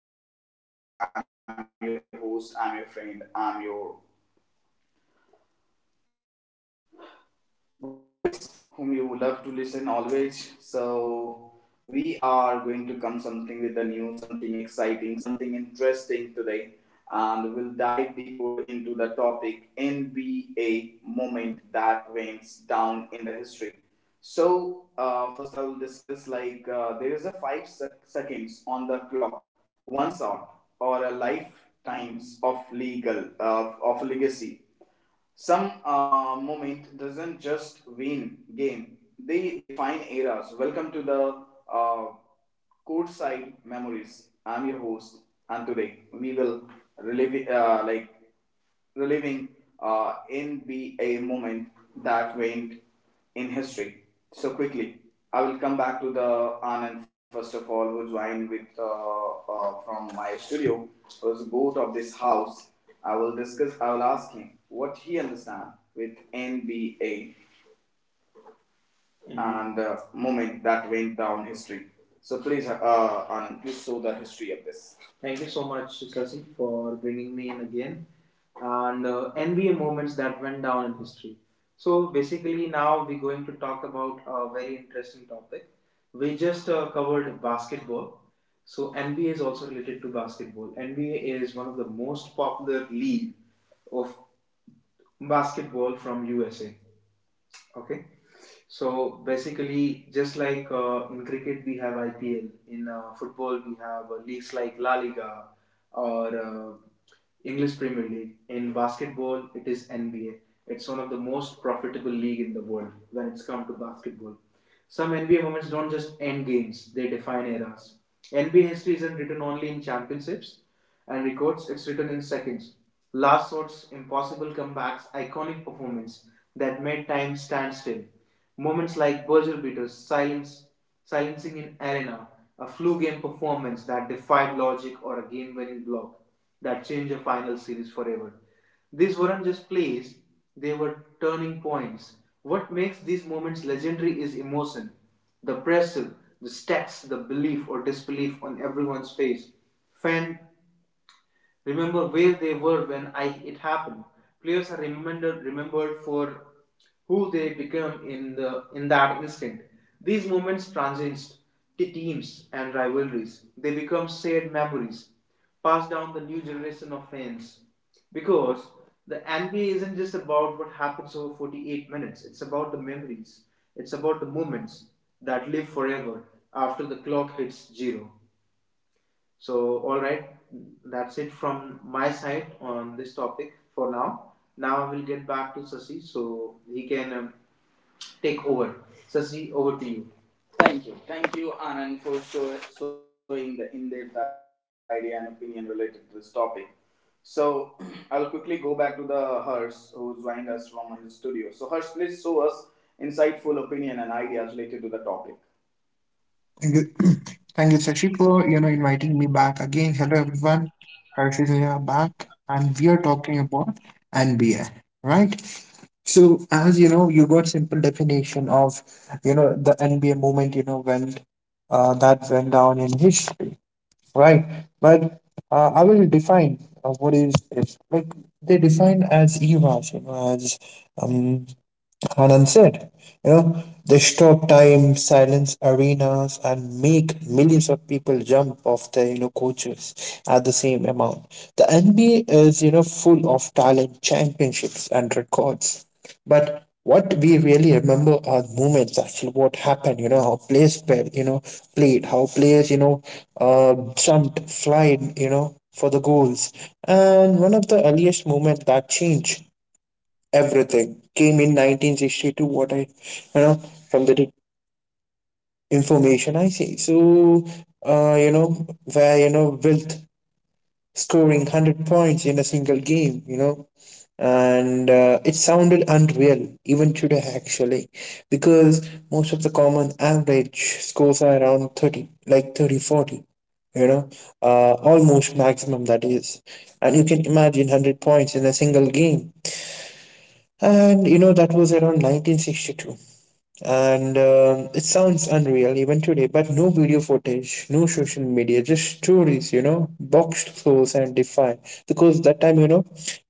folks. Hi, my beloved ones. I'm your host. I'm your friend. I'm your voice whom you love to listen always. So we are going to come something with the new, something exciting, something interesting today, and we'll dive deeper into the topic NBA moment that went down in the history. So first, I will discuss there is a seconds on the clock, one shot or a lifetimes of legal of legacy. Some moment doesn't just win game; they define eras. Welcome to the uh, courtside memories. I'm your host, and today we will relive like reliving NBA moment that went in history so quickly. I will come back to the Anand first of all, who joined with from my studio, who is a goat of this house. I will discuss. I will ask him what he understands with NBA. Mm-hmm. And moment that went down history. So please, and please show the history of this. Thank you so much, Sasi, for bringing me in again. And NBA moments that went down in history. So basically, now we're going to talk about a very interesting topic. We just covered basketball. So NBA is also related to basketball. NBA is one of the most popular league of basketball from USA. Okay, so basically, just like in cricket we have IPL, in football we have leagues like La Liga or English Premier League. In basketball, it is NBA. It's one of the most profitable league in the world when it's come to basketball. Some NBA moments don't just end games, they define eras. NBA history isn't written only in championships and records, it's written in seconds. Last shots, impossible comebacks, iconic performance that made time stand still. Moments like buzzer beaters, silence, silencing in arena, a flu game performance that defied logic or a game winning block that changed a final series forever. These weren't just plays, they were turning points. What makes these moments legendary is emotion. The pressure, the stacks, the belief or disbelief on everyone's face. Fan remember where they were when it happened. Players are remembered for who they become in that instant. These moments transcend teams and rivalries. They become shared memories, passed down the new generation of fans. Because the NBA isn't just about what happens over 48 minutes. It's about the memories. It's about the moments that live forever after the clock hits zero. So, all right, that's it from my side on this topic for now. Now we'll get back to Sasi so he can take over. Sasi, over to you. Thank you. Thank you, Anand, for showing the in depth idea and opinion related to this topic. So, I'll quickly go back to the Hers who's joining us from his studio. So, Hers, please show us insightful opinion and ideas related to the topic. Thank you, thank you, Sashi, for inviting me back again. Hello, everyone. Harshit here back, and we are talking about NBA, right? So, as you know, you got simple definition of the NBA movement. You know when that went down in history, right? But I will define what is it. Like they define as eras, you know, as um, Anand said. You know, they stop time, silence arenas, and make millions of people jump off their coaches at the same amount. The NBA is, you know, full of talent, championships, and records, but what we really remember are moments, actually what happened, you know, how players played how players, you know, jumped, flied, you know, for the goals. And one of the earliest moments that changed everything came in 1962, what I, you know from the information I see. So you know, where, you know, Wilt scoring 100 points in a single game, you know. And it sounded unreal even today, actually, because most of the common average scores are around 30, like 30, 40, you know, almost maximum that is. And you can imagine 100 points in a single game, and you know that was around 1962. And it sounds unreal even today, but no video footage, no social media, just stories, you know, boxed floors and defy, because that time, you know,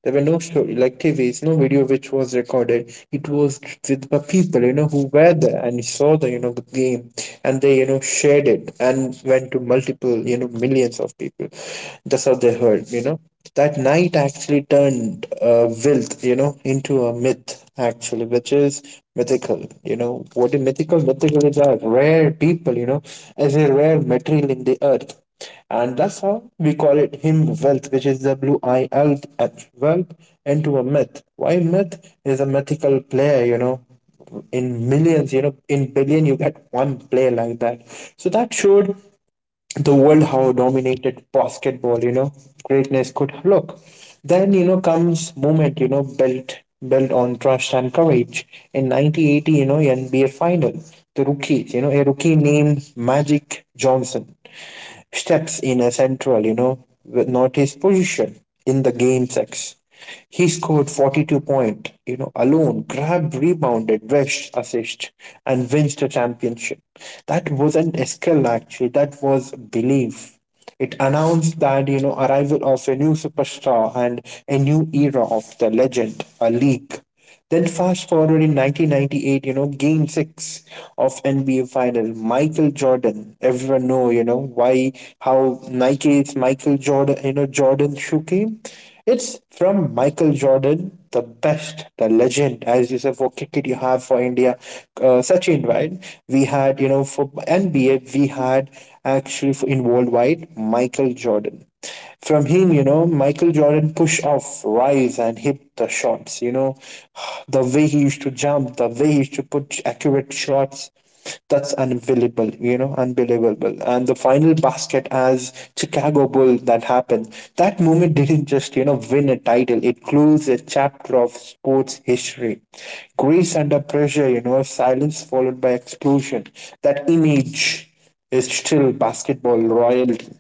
there were no story like TVs, no video which was recorded. It was with the people, you know, who were there and saw the, you know, the game, and they, you know, shared it, and went to multiple, you know, millions of people. That's how they heard, you know. That night actually turned wealth, you know, into a myth, actually, which is mythical. You know, what is mythical? Mythical is a rare people, you know, as a rare material in the earth. And that's how we call it him wealth, which is WILTH, wealth, into a myth. Why myth is a mythical player, you know, in millions, you know, in billion, you get one player like that. So that showed the world how dominated basketball, you know, greatness could look. Then, you know, comes moment, you know, built on trust and courage. In 1980, you know, NBA final, the rookies, you know, a rookie named Magic Johnson, steps in a central, you know, with not his position, in the game six, he scored 42 point, you know, alone, grabbed, rebounded, rushed, assist, and wins the championship. That wasn't a skill actually, that was belief. It announced that, you know, arrival of a new superstar and a new era of the legend, a league. Then fast forward in 1998, you know, game six of NBA final, Michael Jordan. Everyone know, you know, why, how Nike's Michael Jordan, you know, Jordan shoe came. It's from Michael Jordan, the best, the legend, as you said, for cricket you have for India, Sachin, right? We had, you know, for NBA, we had, actually for, in worldwide, Michael Jordan. From him, you know, Michael Jordan push off, rise and hit the shots, you know. The way he used to jump, the way he used to put accurate shots, that's unbelievable, you know, unbelievable. And the final basket as Chicago Bull that happened, that moment didn't just, you know, win a title. It closed a chapter of sports history. Grace under pressure, you know, silence followed by explosion. That image is still basketball royalty.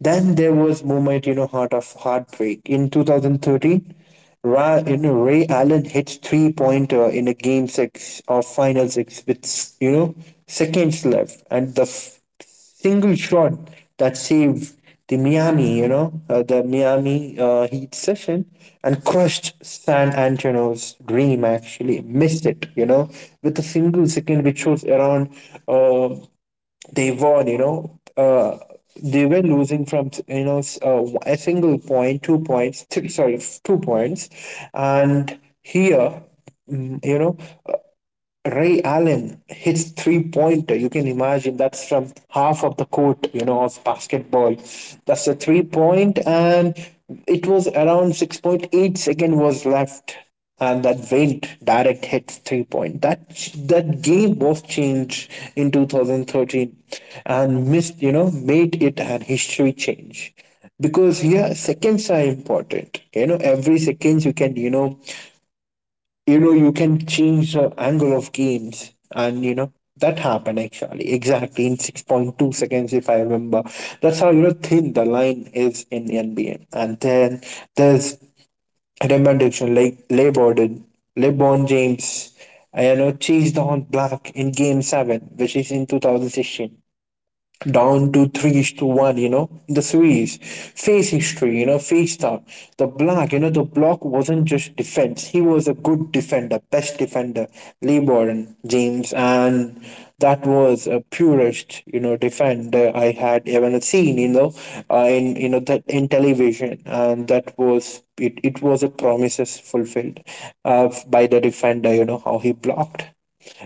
Then there was moment, you know, heart of heartbreak. In 2013, you know, Ray Allen hit three pointer in a game six or final six, with, you know, seconds left, and the single shot that saved the Miami, you know, the Miami Heat session, and crushed San Antonio's dream. Actually, missed it, you know, with a single second, which was around uh, they won, you know, they were losing from, you know, a single point, 2 points, sorry, 2 points. And here, mm, you know, Ray Allen hits three pointer. You can imagine that's from half of the court, you know, of basketball. That's a 3 point, and it was around 6.8 second was left, and that went direct hit 3 point. That game was changed in 2013, and missed, you know, made it an history change. Because here, yeah, seconds are important, you know, every seconds you can, you know, you can change the angle of games, and you know that happened actually exactly in 6.2 seconds if I remember. That's how, you know, thin the line is in NBA. And then there's Raymond Dixon, like LeBron James, I, you know, chased on black in Game 7, which is in 2016, down to three is to one, you know, in the series. Face history, you know, face stuff. The block, you know, the block wasn't just defense. He was a good defender, best defender, LeBron James, and that was a purest, you know, defender I had ever seen, you know, in, you know, that in television, and that was it. It was a promises fulfilled, by the defender, you know, how he blocked.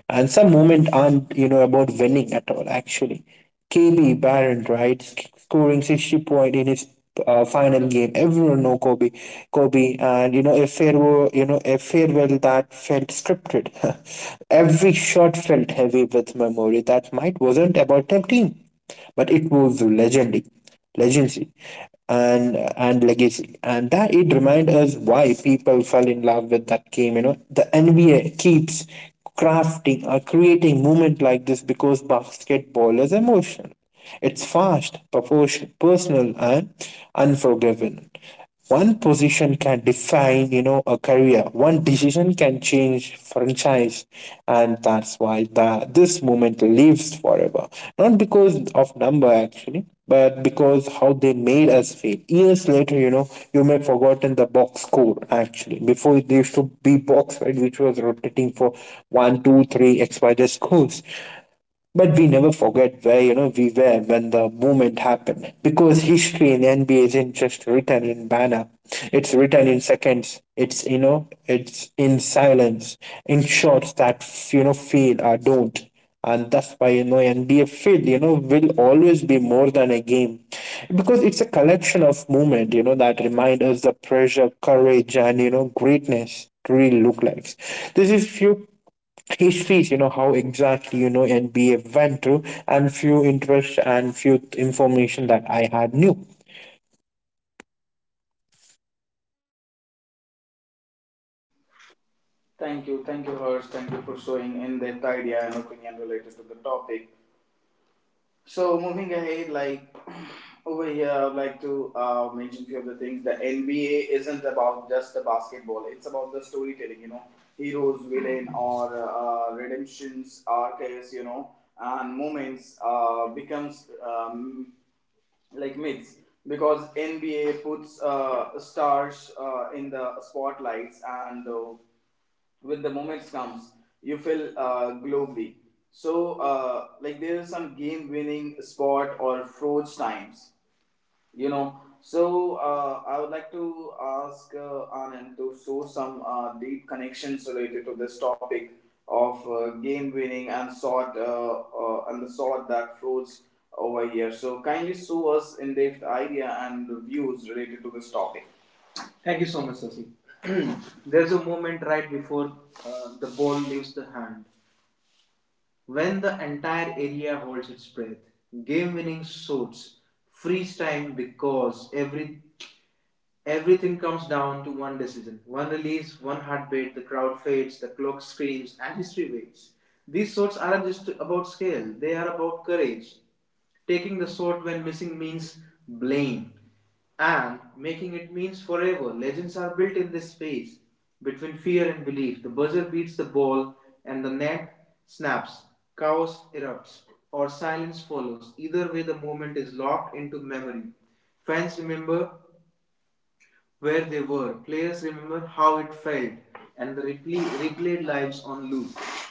And some moment aren't, you know, about winning at all actually. KB Barron, right, scoring 60 point in his final game. Everyone know Kobe, and you know a farewell, a farewell that felt scripted. Every shot felt heavy with memory. That might wasn't about tempting, but it was legendary, legacy, and legacy, and that it reminds us why people fell in love with that game. You know, the NBA keeps crafting or creating movement like this because basketball is emotional. It's fast, proportion, personal, and unforgiving. One position can define, you know, a career. One decision can change franchise. And that's why the, this moment lives forever, not because of number actually, but because how they made us feel years later, you know. You may have forgotten the box score, actually before there used to be box, right, which was rotating for 1, 2, 3 XYZ scores, but we never forget where, you know, we were when the moment happened. Because history in NBA isn't just written in banner. It's written in seconds. It's, you know, it's in silence, in shots that, you know, feel or don't. And that's why, you know, NBA field, you know, will always be more than a game, because it's a collection of movement, you know, that remind us the pressure, courage, and, you know, greatness really look like. This is few histories, you know, how exactly, you know, NBA went through, and few interests and few information that I had knew. Thank you. Thank you, Hers. Thank you for showing in depth idea and opinion related to the topic. So moving ahead, like over here, I'd like to mention few of the things. The NBA isn't about just the basketball; it's about the storytelling. You know, heroes, villain, or redemptions, arcs. You know, and moments becomes like myths because NBA puts stars in the spotlights and when the moments comes you feel globally. So like there is some game winning spot or froze times, you know. So I would like to ask Anand to show some deep connections related to this topic of game winning and sort and the sort that flows over here. So kindly show us in depth idea and views related to this topic. Thank you so much, Sasi. There's a moment right before the ball leaves the hand when the entire area holds its breath. Game winning sorts freeze time because everything comes down to one decision, one release, one heartbeat. The crowd fades, the clock screams, and history waits. These sorts aren't just about scale, they are about courage. Taking the sort when missing means blame, and making it means forever. Legends are built in this space between fear and belief. The buzzer beats the ball, and the net snaps. Chaos erupts, or silence follows. Either way, the moment is locked into memory. Fans remember where they were. Players remember how it felt, and replayed lives on loop.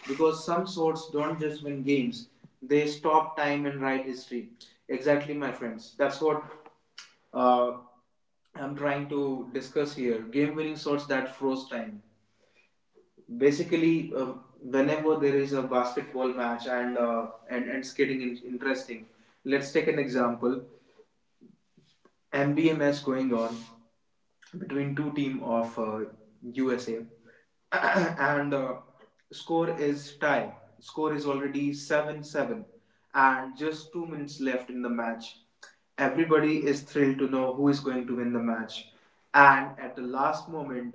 Because some swords don't just win games, they stop time and write history. Exactly, my friends. That's what uh, I'm trying to discuss here. Game winning sorts that froze time. Basically, whenever there is a basketball match and skating is interesting, let's take an example. MBMS going on between two team of USA, and score is tie. Score is already seven seven, and just 2 minutes left in the match. Everybody is thrilled to know who is going to win the match, and at the last moment,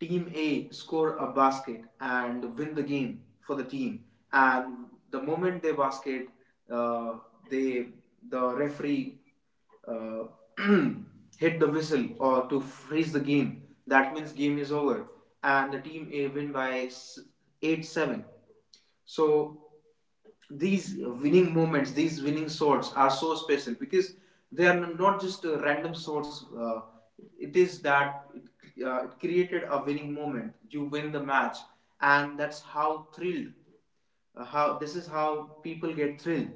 Team A score a basket and win the game for the team. And the moment they basket, uh, they the referee uh, hit the whistle or to freeze the game. That means game is over, and the team A win by 8-7. So these winning moments, these winning swords are so special because they are not just random swords. It is that it created a winning moment. You win the match, and that's how thrilled. How this is how people get thrilled.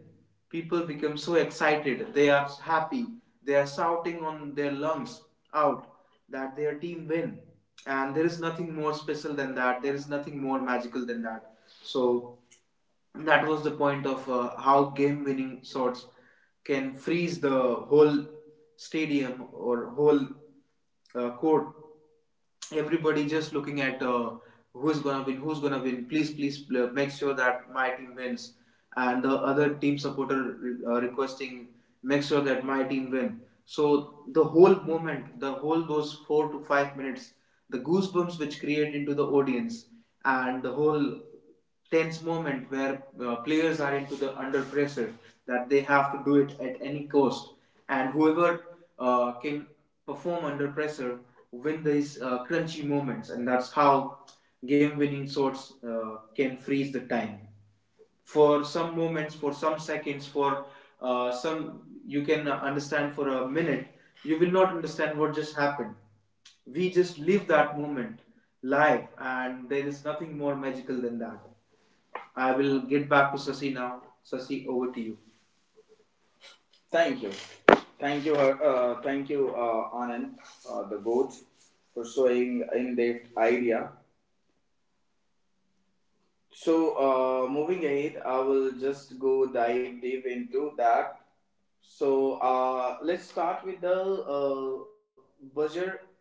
People become so excited. They are happy. They are shouting on their lungs out that their team win, and there is nothing more special than that. There is nothing more magical than that. So that was the point of how game winning shots can freeze the whole stadium or whole court. Everybody just looking at who's gonna win, who's gonna win. Please, make sure that my team wins, and the other team supporter requesting make sure that my team win. So the whole moment, the whole those 4 to 5 minutes, the goosebumps which create into the audience, and the whole tense moment where players are into the under pressure that they have to do it at any cost, and whoever can perform under pressure win these crunchy moments, and that's how game-winning sorts can freeze the time for some moments, for some seconds, for some you can understand for a minute, you will not understand what just happened. We just live that moment live, and there is nothing more magical than that. I will get back to Sasi now. Sasi, over to you. Thank you. Thank you, thank you, Anand, the goat, for showing in-depth idea. So, moving ahead, I will just go dive deep into that. So, let's start with the uh, buzzer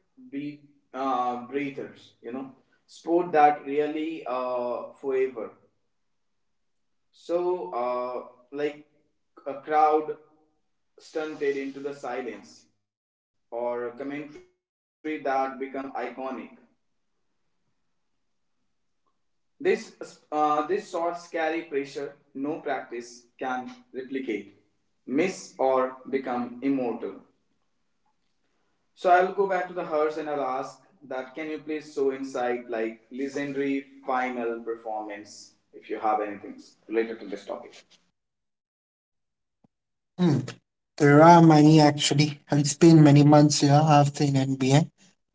beat breathers, you know, sport that really forever. So, like a crowd stunted into the silence or a commentary that become iconic. This, this short, scary pressure no practice can replicate, miss, or become immortal. So I'll go back to the hearse and I'll ask that can you please show insight like legendary final performance if you have anything related to this topic? Hmm. There are many actually. It's been many months, yeah, I've seen NBA.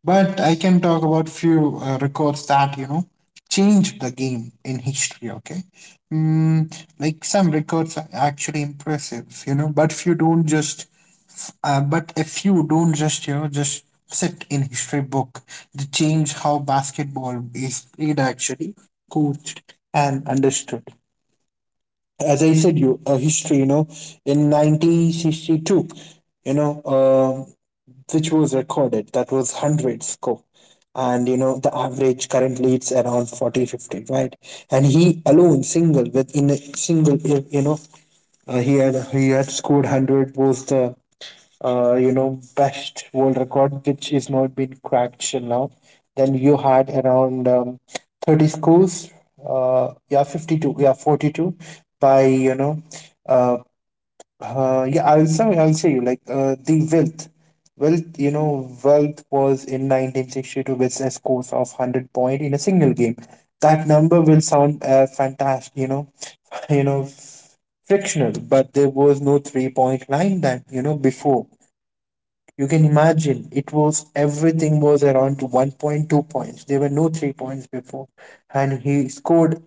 But I can talk about few records that, you know, changed the game in history, okay? Mm, like some records are actually impressive, you know, but few don't just. But if you don't just, you know, just sit in history book, they change how basketball is played, actually, coached and understood. As I said, you history, you know, in 1962, you know, which was recorded, that was 100 score. And you know, the average currently it's around 40, 50, right? And he alone, single, with in a single, you know, he had scored 100, was the you know, best world record, which is not been cracked till now. Then you had around 30 schools, yeah, 52, yeah, 42 by, you know, uh, yeah, I'll say, you like, the wealth. Wealth, you know, wealth was in 1962 with a score of 100 point in a single game. That number will sound fantastic, you know, you know, frictional, but there was no 3 point line that, you know, before. You can imagine it was everything was around 1.2 points. There were no 3 points before, and he scored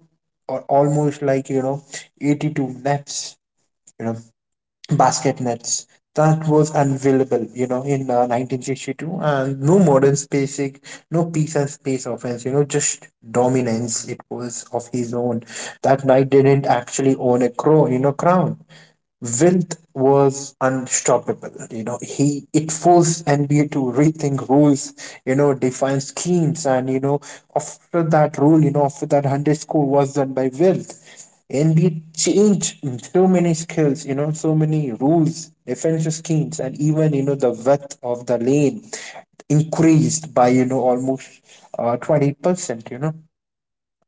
or almost like, you know, 82 nets, you know, basket nets. That was unavailable, you know, in 1962, and no modern spacing, no peace and space offense, you know, just dominance. It was of his own. That knight didn't actually own a crow, you know, crown. Wilt was unstoppable. You know, he it forced NBA to rethink rules, you know, define schemes, and, you know, after that rule, you know, after that hundred score was done by Wilt, NBA changed so many skills, you know, so many rules, defensive schemes, and even, you know, the width of the lane increased by, you know, almost 20%.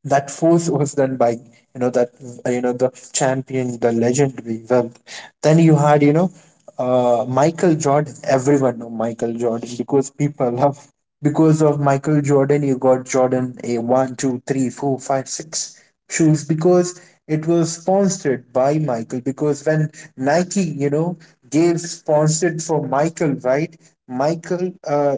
That force was done by that, the champion, the legendary wealth. Then you had Michael Jordan. Everyone know Michael Jordan because people love, because of Michael Jordan, you got Jordan a 1 2 3 4 5 6 shoes because it was sponsored by Michael. Because when Nike gave sponsored for Michael, right? Michael,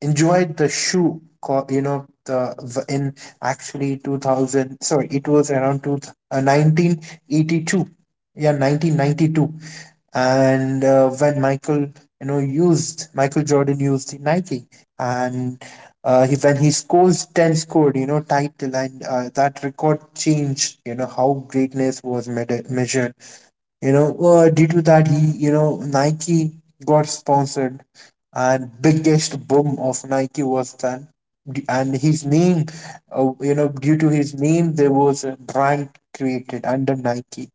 enjoyed the shoe. In actually 2000, sorry, it was around 1982, yeah, 1992. And When Michael used — Michael Jordan used the Nike. and when he scores 10 scored title. And that record changed how greatness was measured. Due to that, he, Nike got sponsored, and biggest boom of Nike was then. And his name, due to his name, there was a brand created under Nike,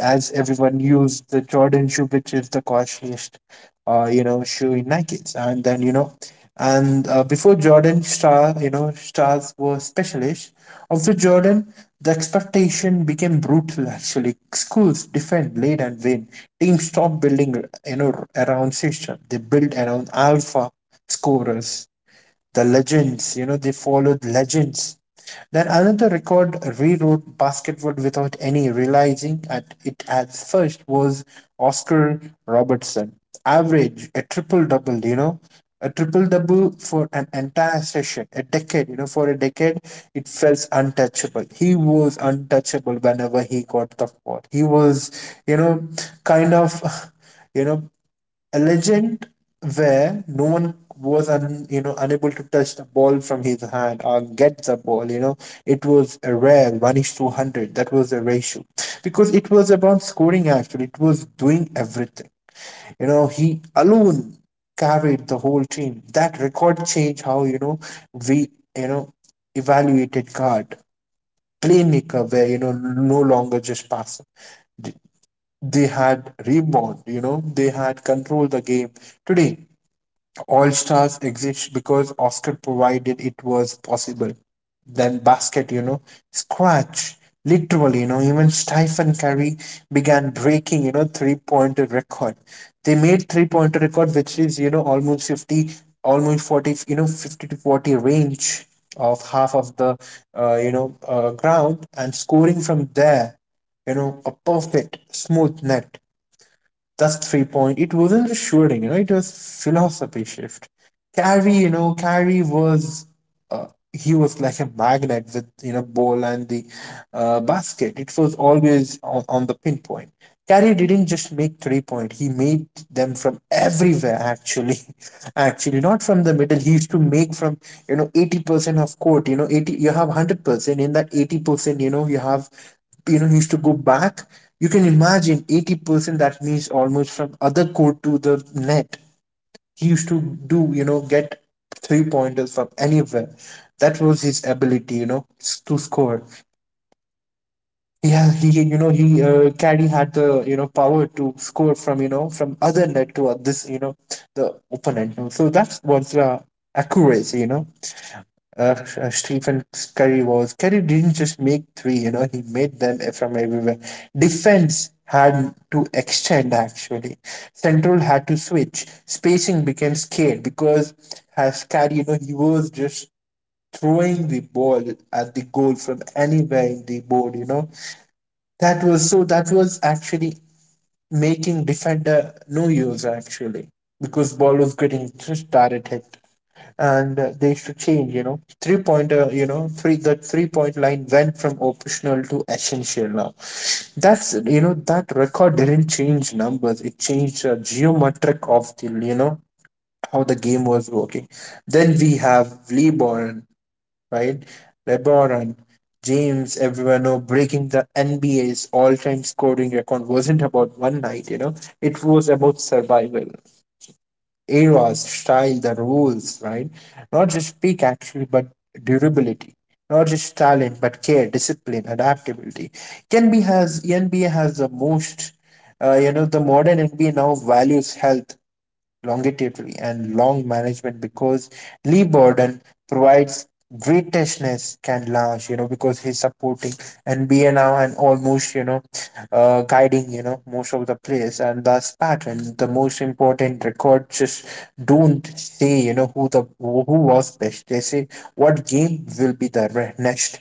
as everyone used the Jordan shoe, which is the costliest, shoe in Nike's. And then, you know, and Before Jordan star, stars were specialists. After Jordan, the expectation became brutal. Actually, schools defend, lead, and win. Teams stopped building, around system. They built around alpha scorers, the legends, they followed legends. Then another record rewrote Basketwood without any realizing, at it at first was Oscar Robertson. Average, a triple double, a triple double for an entire session, a decade, for a decade, it felt untouchable. He was untouchable whenever he got the ball. He was, you know, kind of, you know, a legend, where no one was un, you know unable to touch the ball from his hand or get the ball. It was a rare 1 is to 100. That was the ratio, because it was about scoring. Actually, it was doing everything. He alone carried the whole team. That record changed how we you know evaluated guard, playmaker, where no longer just passing. They had rebound, they had control the game today. All Stars exists because Oscar provided it was possible. Then Scratch, literally, even Stephen Curry began breaking, three-pointer record. They made three-pointer record, which is, almost 50, almost 40, 50 to 40 range of half of the, ground, and scoring from there, a perfect, smooth net. That's three point. It wasn't just shooting, it was philosophy shift. Carrie was, uh, he was like a magnet with ball and the, basket. It was always on the pinpoint. Carey didn't just make three point; he made them from everywhere. Actually, actually, not from the middle. He used to make from 80% of court. You know, 80. You have 100%. In that 80%, you have, he used to go back. You can imagine 80%. That means almost from other court to the net, he used to do, get three pointers from anywhere. That was his ability, to score. He has, he, you know, he Caddy had the, power to score from, from other net to, this, the opponent. So that was the accuracy, Stephen Curry was. Curry didn't just make three, he made them from everywhere. Defense had to extend, actually. Central had to switch. Spacing became scared because as Curry, he was just throwing the ball at the goal from anywhere in the board, That was, so that was actually making defender no use actually, because ball was getting just directed. And They used to change, three pointer, three point line went from optional to essential now. That's, that record didn't change numbers; it changed, geometric of the, how the game was working. Then we have LeBron, right? LeBron James, everyone know, breaking the NBA's all-time scoring record wasn't about one night. It was about survival. Eras, style, the rules, right? Not just peak, actually, but durability. Not just talent, but care, discipline, adaptability. NBA has the most, the modern NBA now values health, longevity and long management, because Lee Borden provides greatness can last, because he's supporting and be now, and almost, guiding, most of the players and thus pattern. The most important record just don't say, who was best. They say what game will be the next.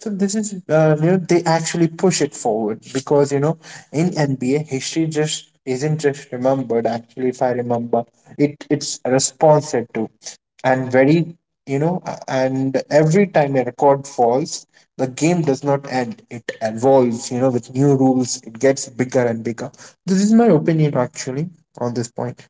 So this is, they actually push it forward, because in NBA, history just isn't just remembered. Actually, if I remember, it's responded to. And very, and every time a record falls, the game does not end. It evolves, with new rules. It gets bigger and bigger. This is my opinion, actually, on this point.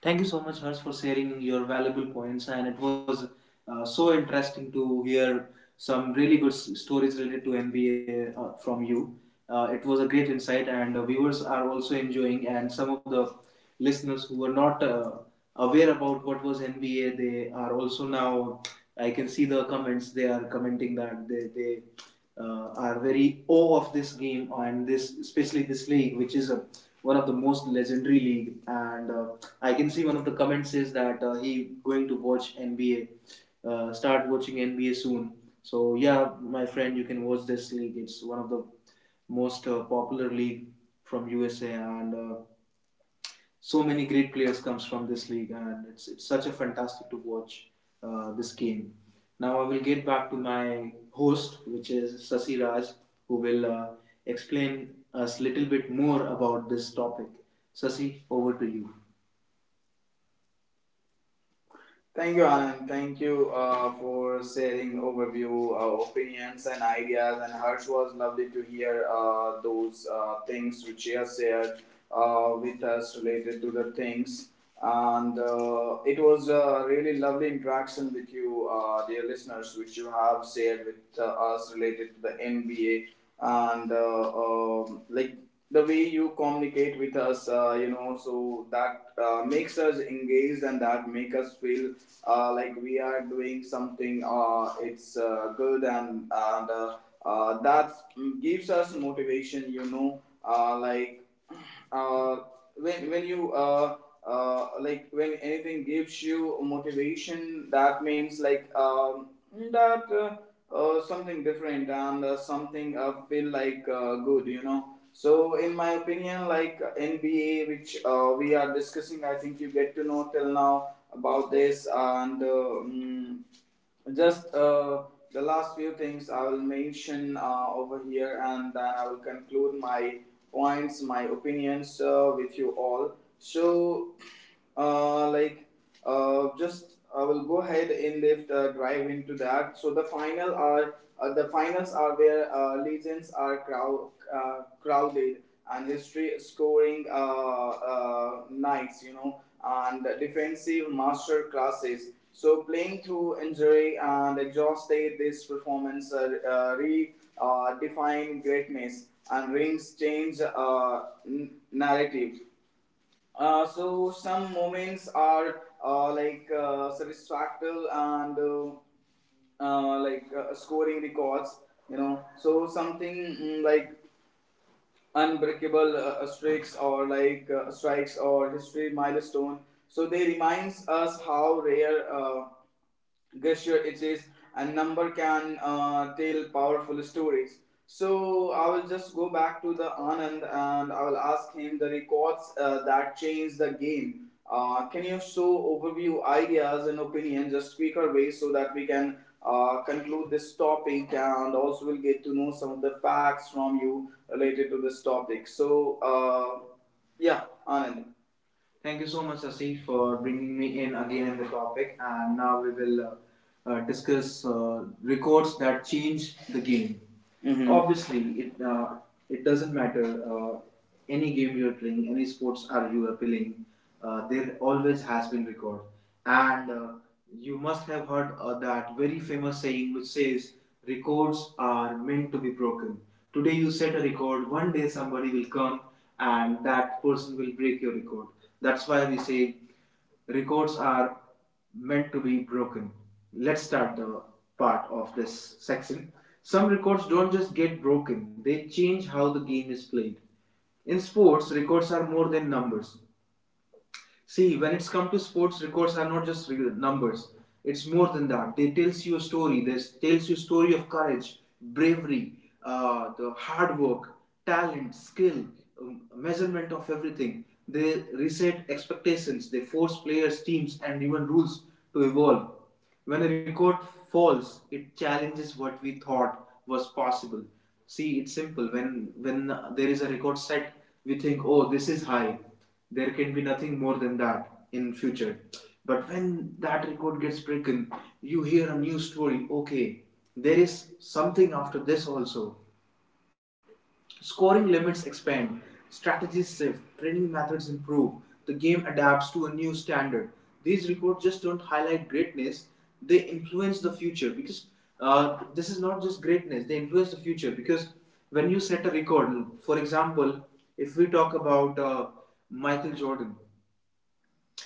Thank you so much, Harsh, for sharing your valuable points, and it was so interesting to hear some really good stories related to NBA from you. It was a great insight, and viewers are also enjoying. And some of the listeners who were not aware about what was NBA, they are also now. I can see the comments; they are commenting that they are very awe of this game and this, especially this league, which is a one of the most legendary league, and I can see one of the comments says that he going to watch NBA, start watching NBA soon. So yeah, my friend, you can watch this league. It's one of the most popular league from USA, and so many great players comes from this league, and it's such a fantastic to watch this game. Now I will get back to my host, which is Sasi Raj, who will explain us a little bit more about this topic. Sasi, over to you. Thank you, Anand. Thank you for sharing overview, opinions, and ideas. And Harsh was lovely to hear those things which you have shared with us related to the things. And it was a really lovely interaction with you, dear listeners, which you have shared with us related to the NBA and the way you communicate with us so that makes us engaged and that make us feel like we are doing something, it's good and that gives us motivation, like uh, when you like when anything gives you motivation that means that something different and something feel like good, you know. So in my opinion, like, nba which we are discussing, I think you get to know till now about this, and mm, just the last few things I will mention over here, and then I will conclude my points, my opinions with you all. So, uh, like, just I will go ahead and lift drive into that. So the finals are where legends are crowded and history scoring nights, you know, and defensive master classes, so playing through injury and exhausted, this performance re define greatness, and rings change narrative. So some moments are satisfactory and scoring records, you know. So something like unbreakable streaks, or like strikes, or history milestone. So they reminds us how rare. Gesture it is, and number can tell powerful stories. So I will just go back to the Anand and I will ask him the records that changed the game. Can you show overview, ideas and opinion, just quicker way, so that we can conclude this topic, and also we'll get to know some of the facts from you related to this topic. So yeah, Anand. Thank you so much, Sasi, for bringing me in again in the topic. And now we will discuss records that change the game. Mhm. Obviously it doesn't matter, uh, any game you're playing, any sports are you are playing, there always has been record, and you must have heard that very famous saying which says records are meant to be broken. Today you set a record, one day somebody will come and that person will break your record. That's why we say records are meant to be broken. Let's start the part of this section. Some records don't just get broken, they change how the game is played. In sports, records are more than numbers. See, when it's come to sports, records are not just numbers. It's more than that. They tells you a story. They tells you a story of courage, bravery, the hard work, talent, skill, measurement of everything. They reset expectations. They force players, teams, and even rules to evolve. When a record falls, it challenges what we thought was possible. See, it's simple. When there is a record set, we think, oh, this is high. There can be nothing more than that in future. But when that record gets broken, you hear a new story. Okay, there is something after this also. Scoring limits expand, strategies shift, training methods improve, the game adapts to a new standard. These reports just don't highlight greatness, they influence the future, because this is not just greatness, they influence the future because when you set a record, for example, if we talk about Michael Jordan,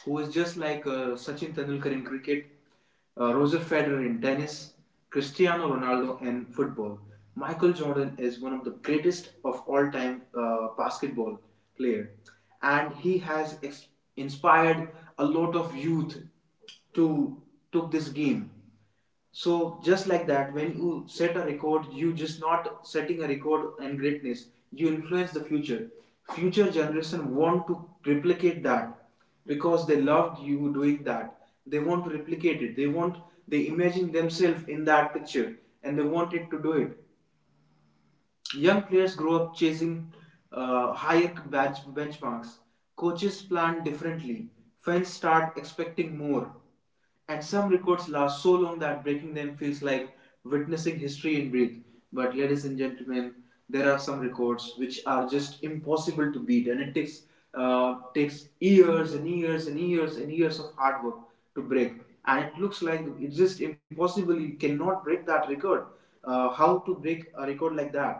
who is just like Sachin Tendulkar in cricket, Roger Federer in tennis, Cristiano Ronaldo in football. Michael Jordan is one of the greatest of all time basketball player, and he has inspired a lot of youth to took this game. So just like that, when you set a record, you just not setting a record and greatness. You influence the future. Future generation want to replicate that because they loved you doing that. They want to replicate it. They want, they imagine themselves in that picture and they wanted to do it. Young players grow up chasing higher benchmarks. Coaches plan differently. Fans start expecting more. And some records last so long that breaking them feels like witnessing history in breath. But, ladies and gentlemen, there are some records which are just impossible to beat, and it takes takes years and years and years and years of hard work to break. And it looks like it's just impossible. You cannot break that record. How to break a record like that?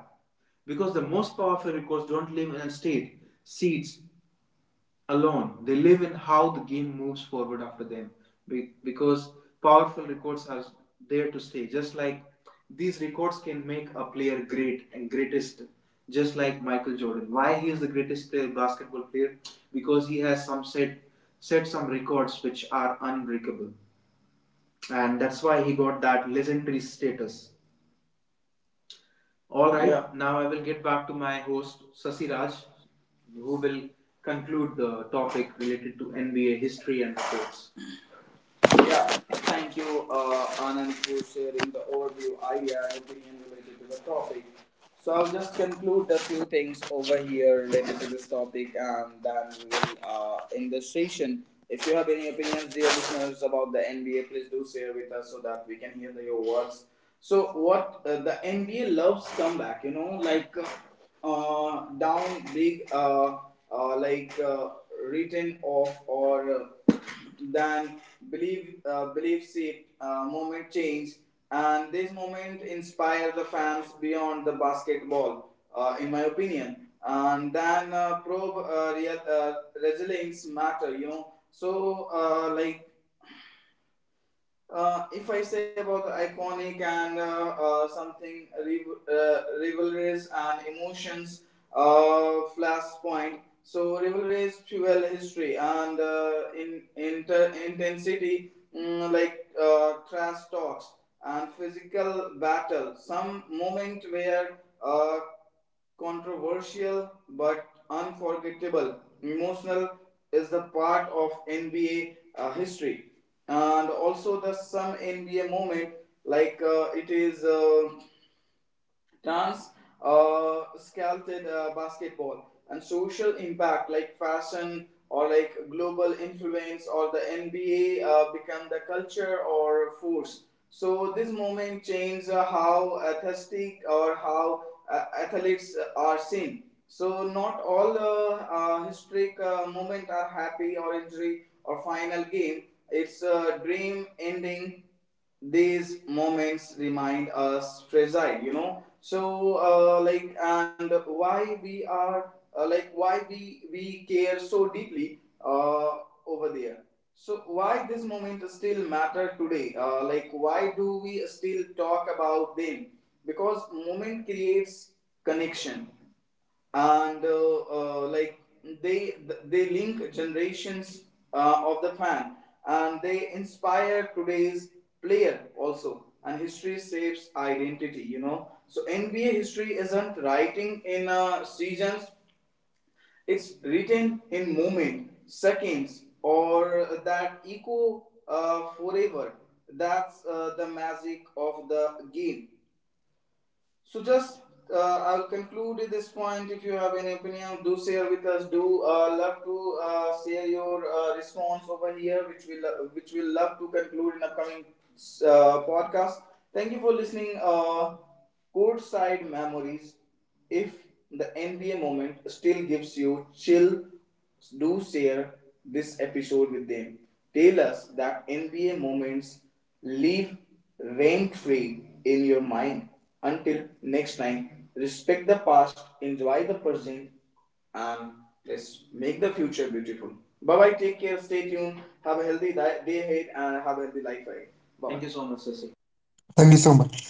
Because the most powerful recruits don't live in a state, seats alone. They live in how the game moves forward after them. Because powerful records are there to stay. Just like these records can make a player great and greatest. Just like Michael Jordan. Why he is the greatest player, basketball player? Because he has some set set some records which are unbreakable. And that's why he got that legendary status. All right. Yeah. Now I will get back to my host Sasi Raj, who will conclude the topic related to NBA history and reports. Yeah, thank you, Anand, for sharing the overview, idea, and opinion related to the topic. So I'll just conclude the few things over here related to this topic, and then we will end the session. If you have any opinions, dear listeners, about the NBA, please do share with us so that we can hear the, your words. So what, the NBA loves comeback, you know, like down big, uh, like uh, written off. Or then belief, belief shift, moment change, and this moment inspire the fans beyond the basketball, in my opinion. And then probe real, resilience matter, you know. So like if I say about the iconic and rivalries and emotions, flashpoint. So rivalries fuel history and intensity, like trash talks and physical battle. Some moment where uh, controversial but unforgettable. Emotional is the part of NBA history, and also the some NBA moment, like it is dance, sculpted basketball, and social impact, like fashion or like global influence, or the NBA become the culture or force. So this moment changed how athletic or how athletes are seen. So not all historic moment are happy, or injury, or final game. It's a dream ending. These moments remind us fragile, you know. So like, and why we are like, why we care so deeply over there. So why this moment still matter today? Like, why do we still talk about them? Because moment creates connection, and like they they link generations of the fan, and they inspire today's player also. And history shapes identity, you know. So nba history isn't writing in seasons, it's written in moment, seconds or that echo forever. That's the magic of the game. So just I'll conclude at this point. If you have any opinion, do share with us. Do love to share your response over here, which which we love to conclude in upcoming podcast. Thank you for listening. Courtside Memories. If the NBA moment still gives you chill, do share this episode with them. Tell us that NBA moments live rent free in your mind. Until next time, respect the past, enjoy the present, and let's make the future beautiful. Bye bye, take care, stay tuned, have a healthy day ahead, and have a healthy life ahead. Bye-bye. Thank you so much, Sasi. Thank you so much.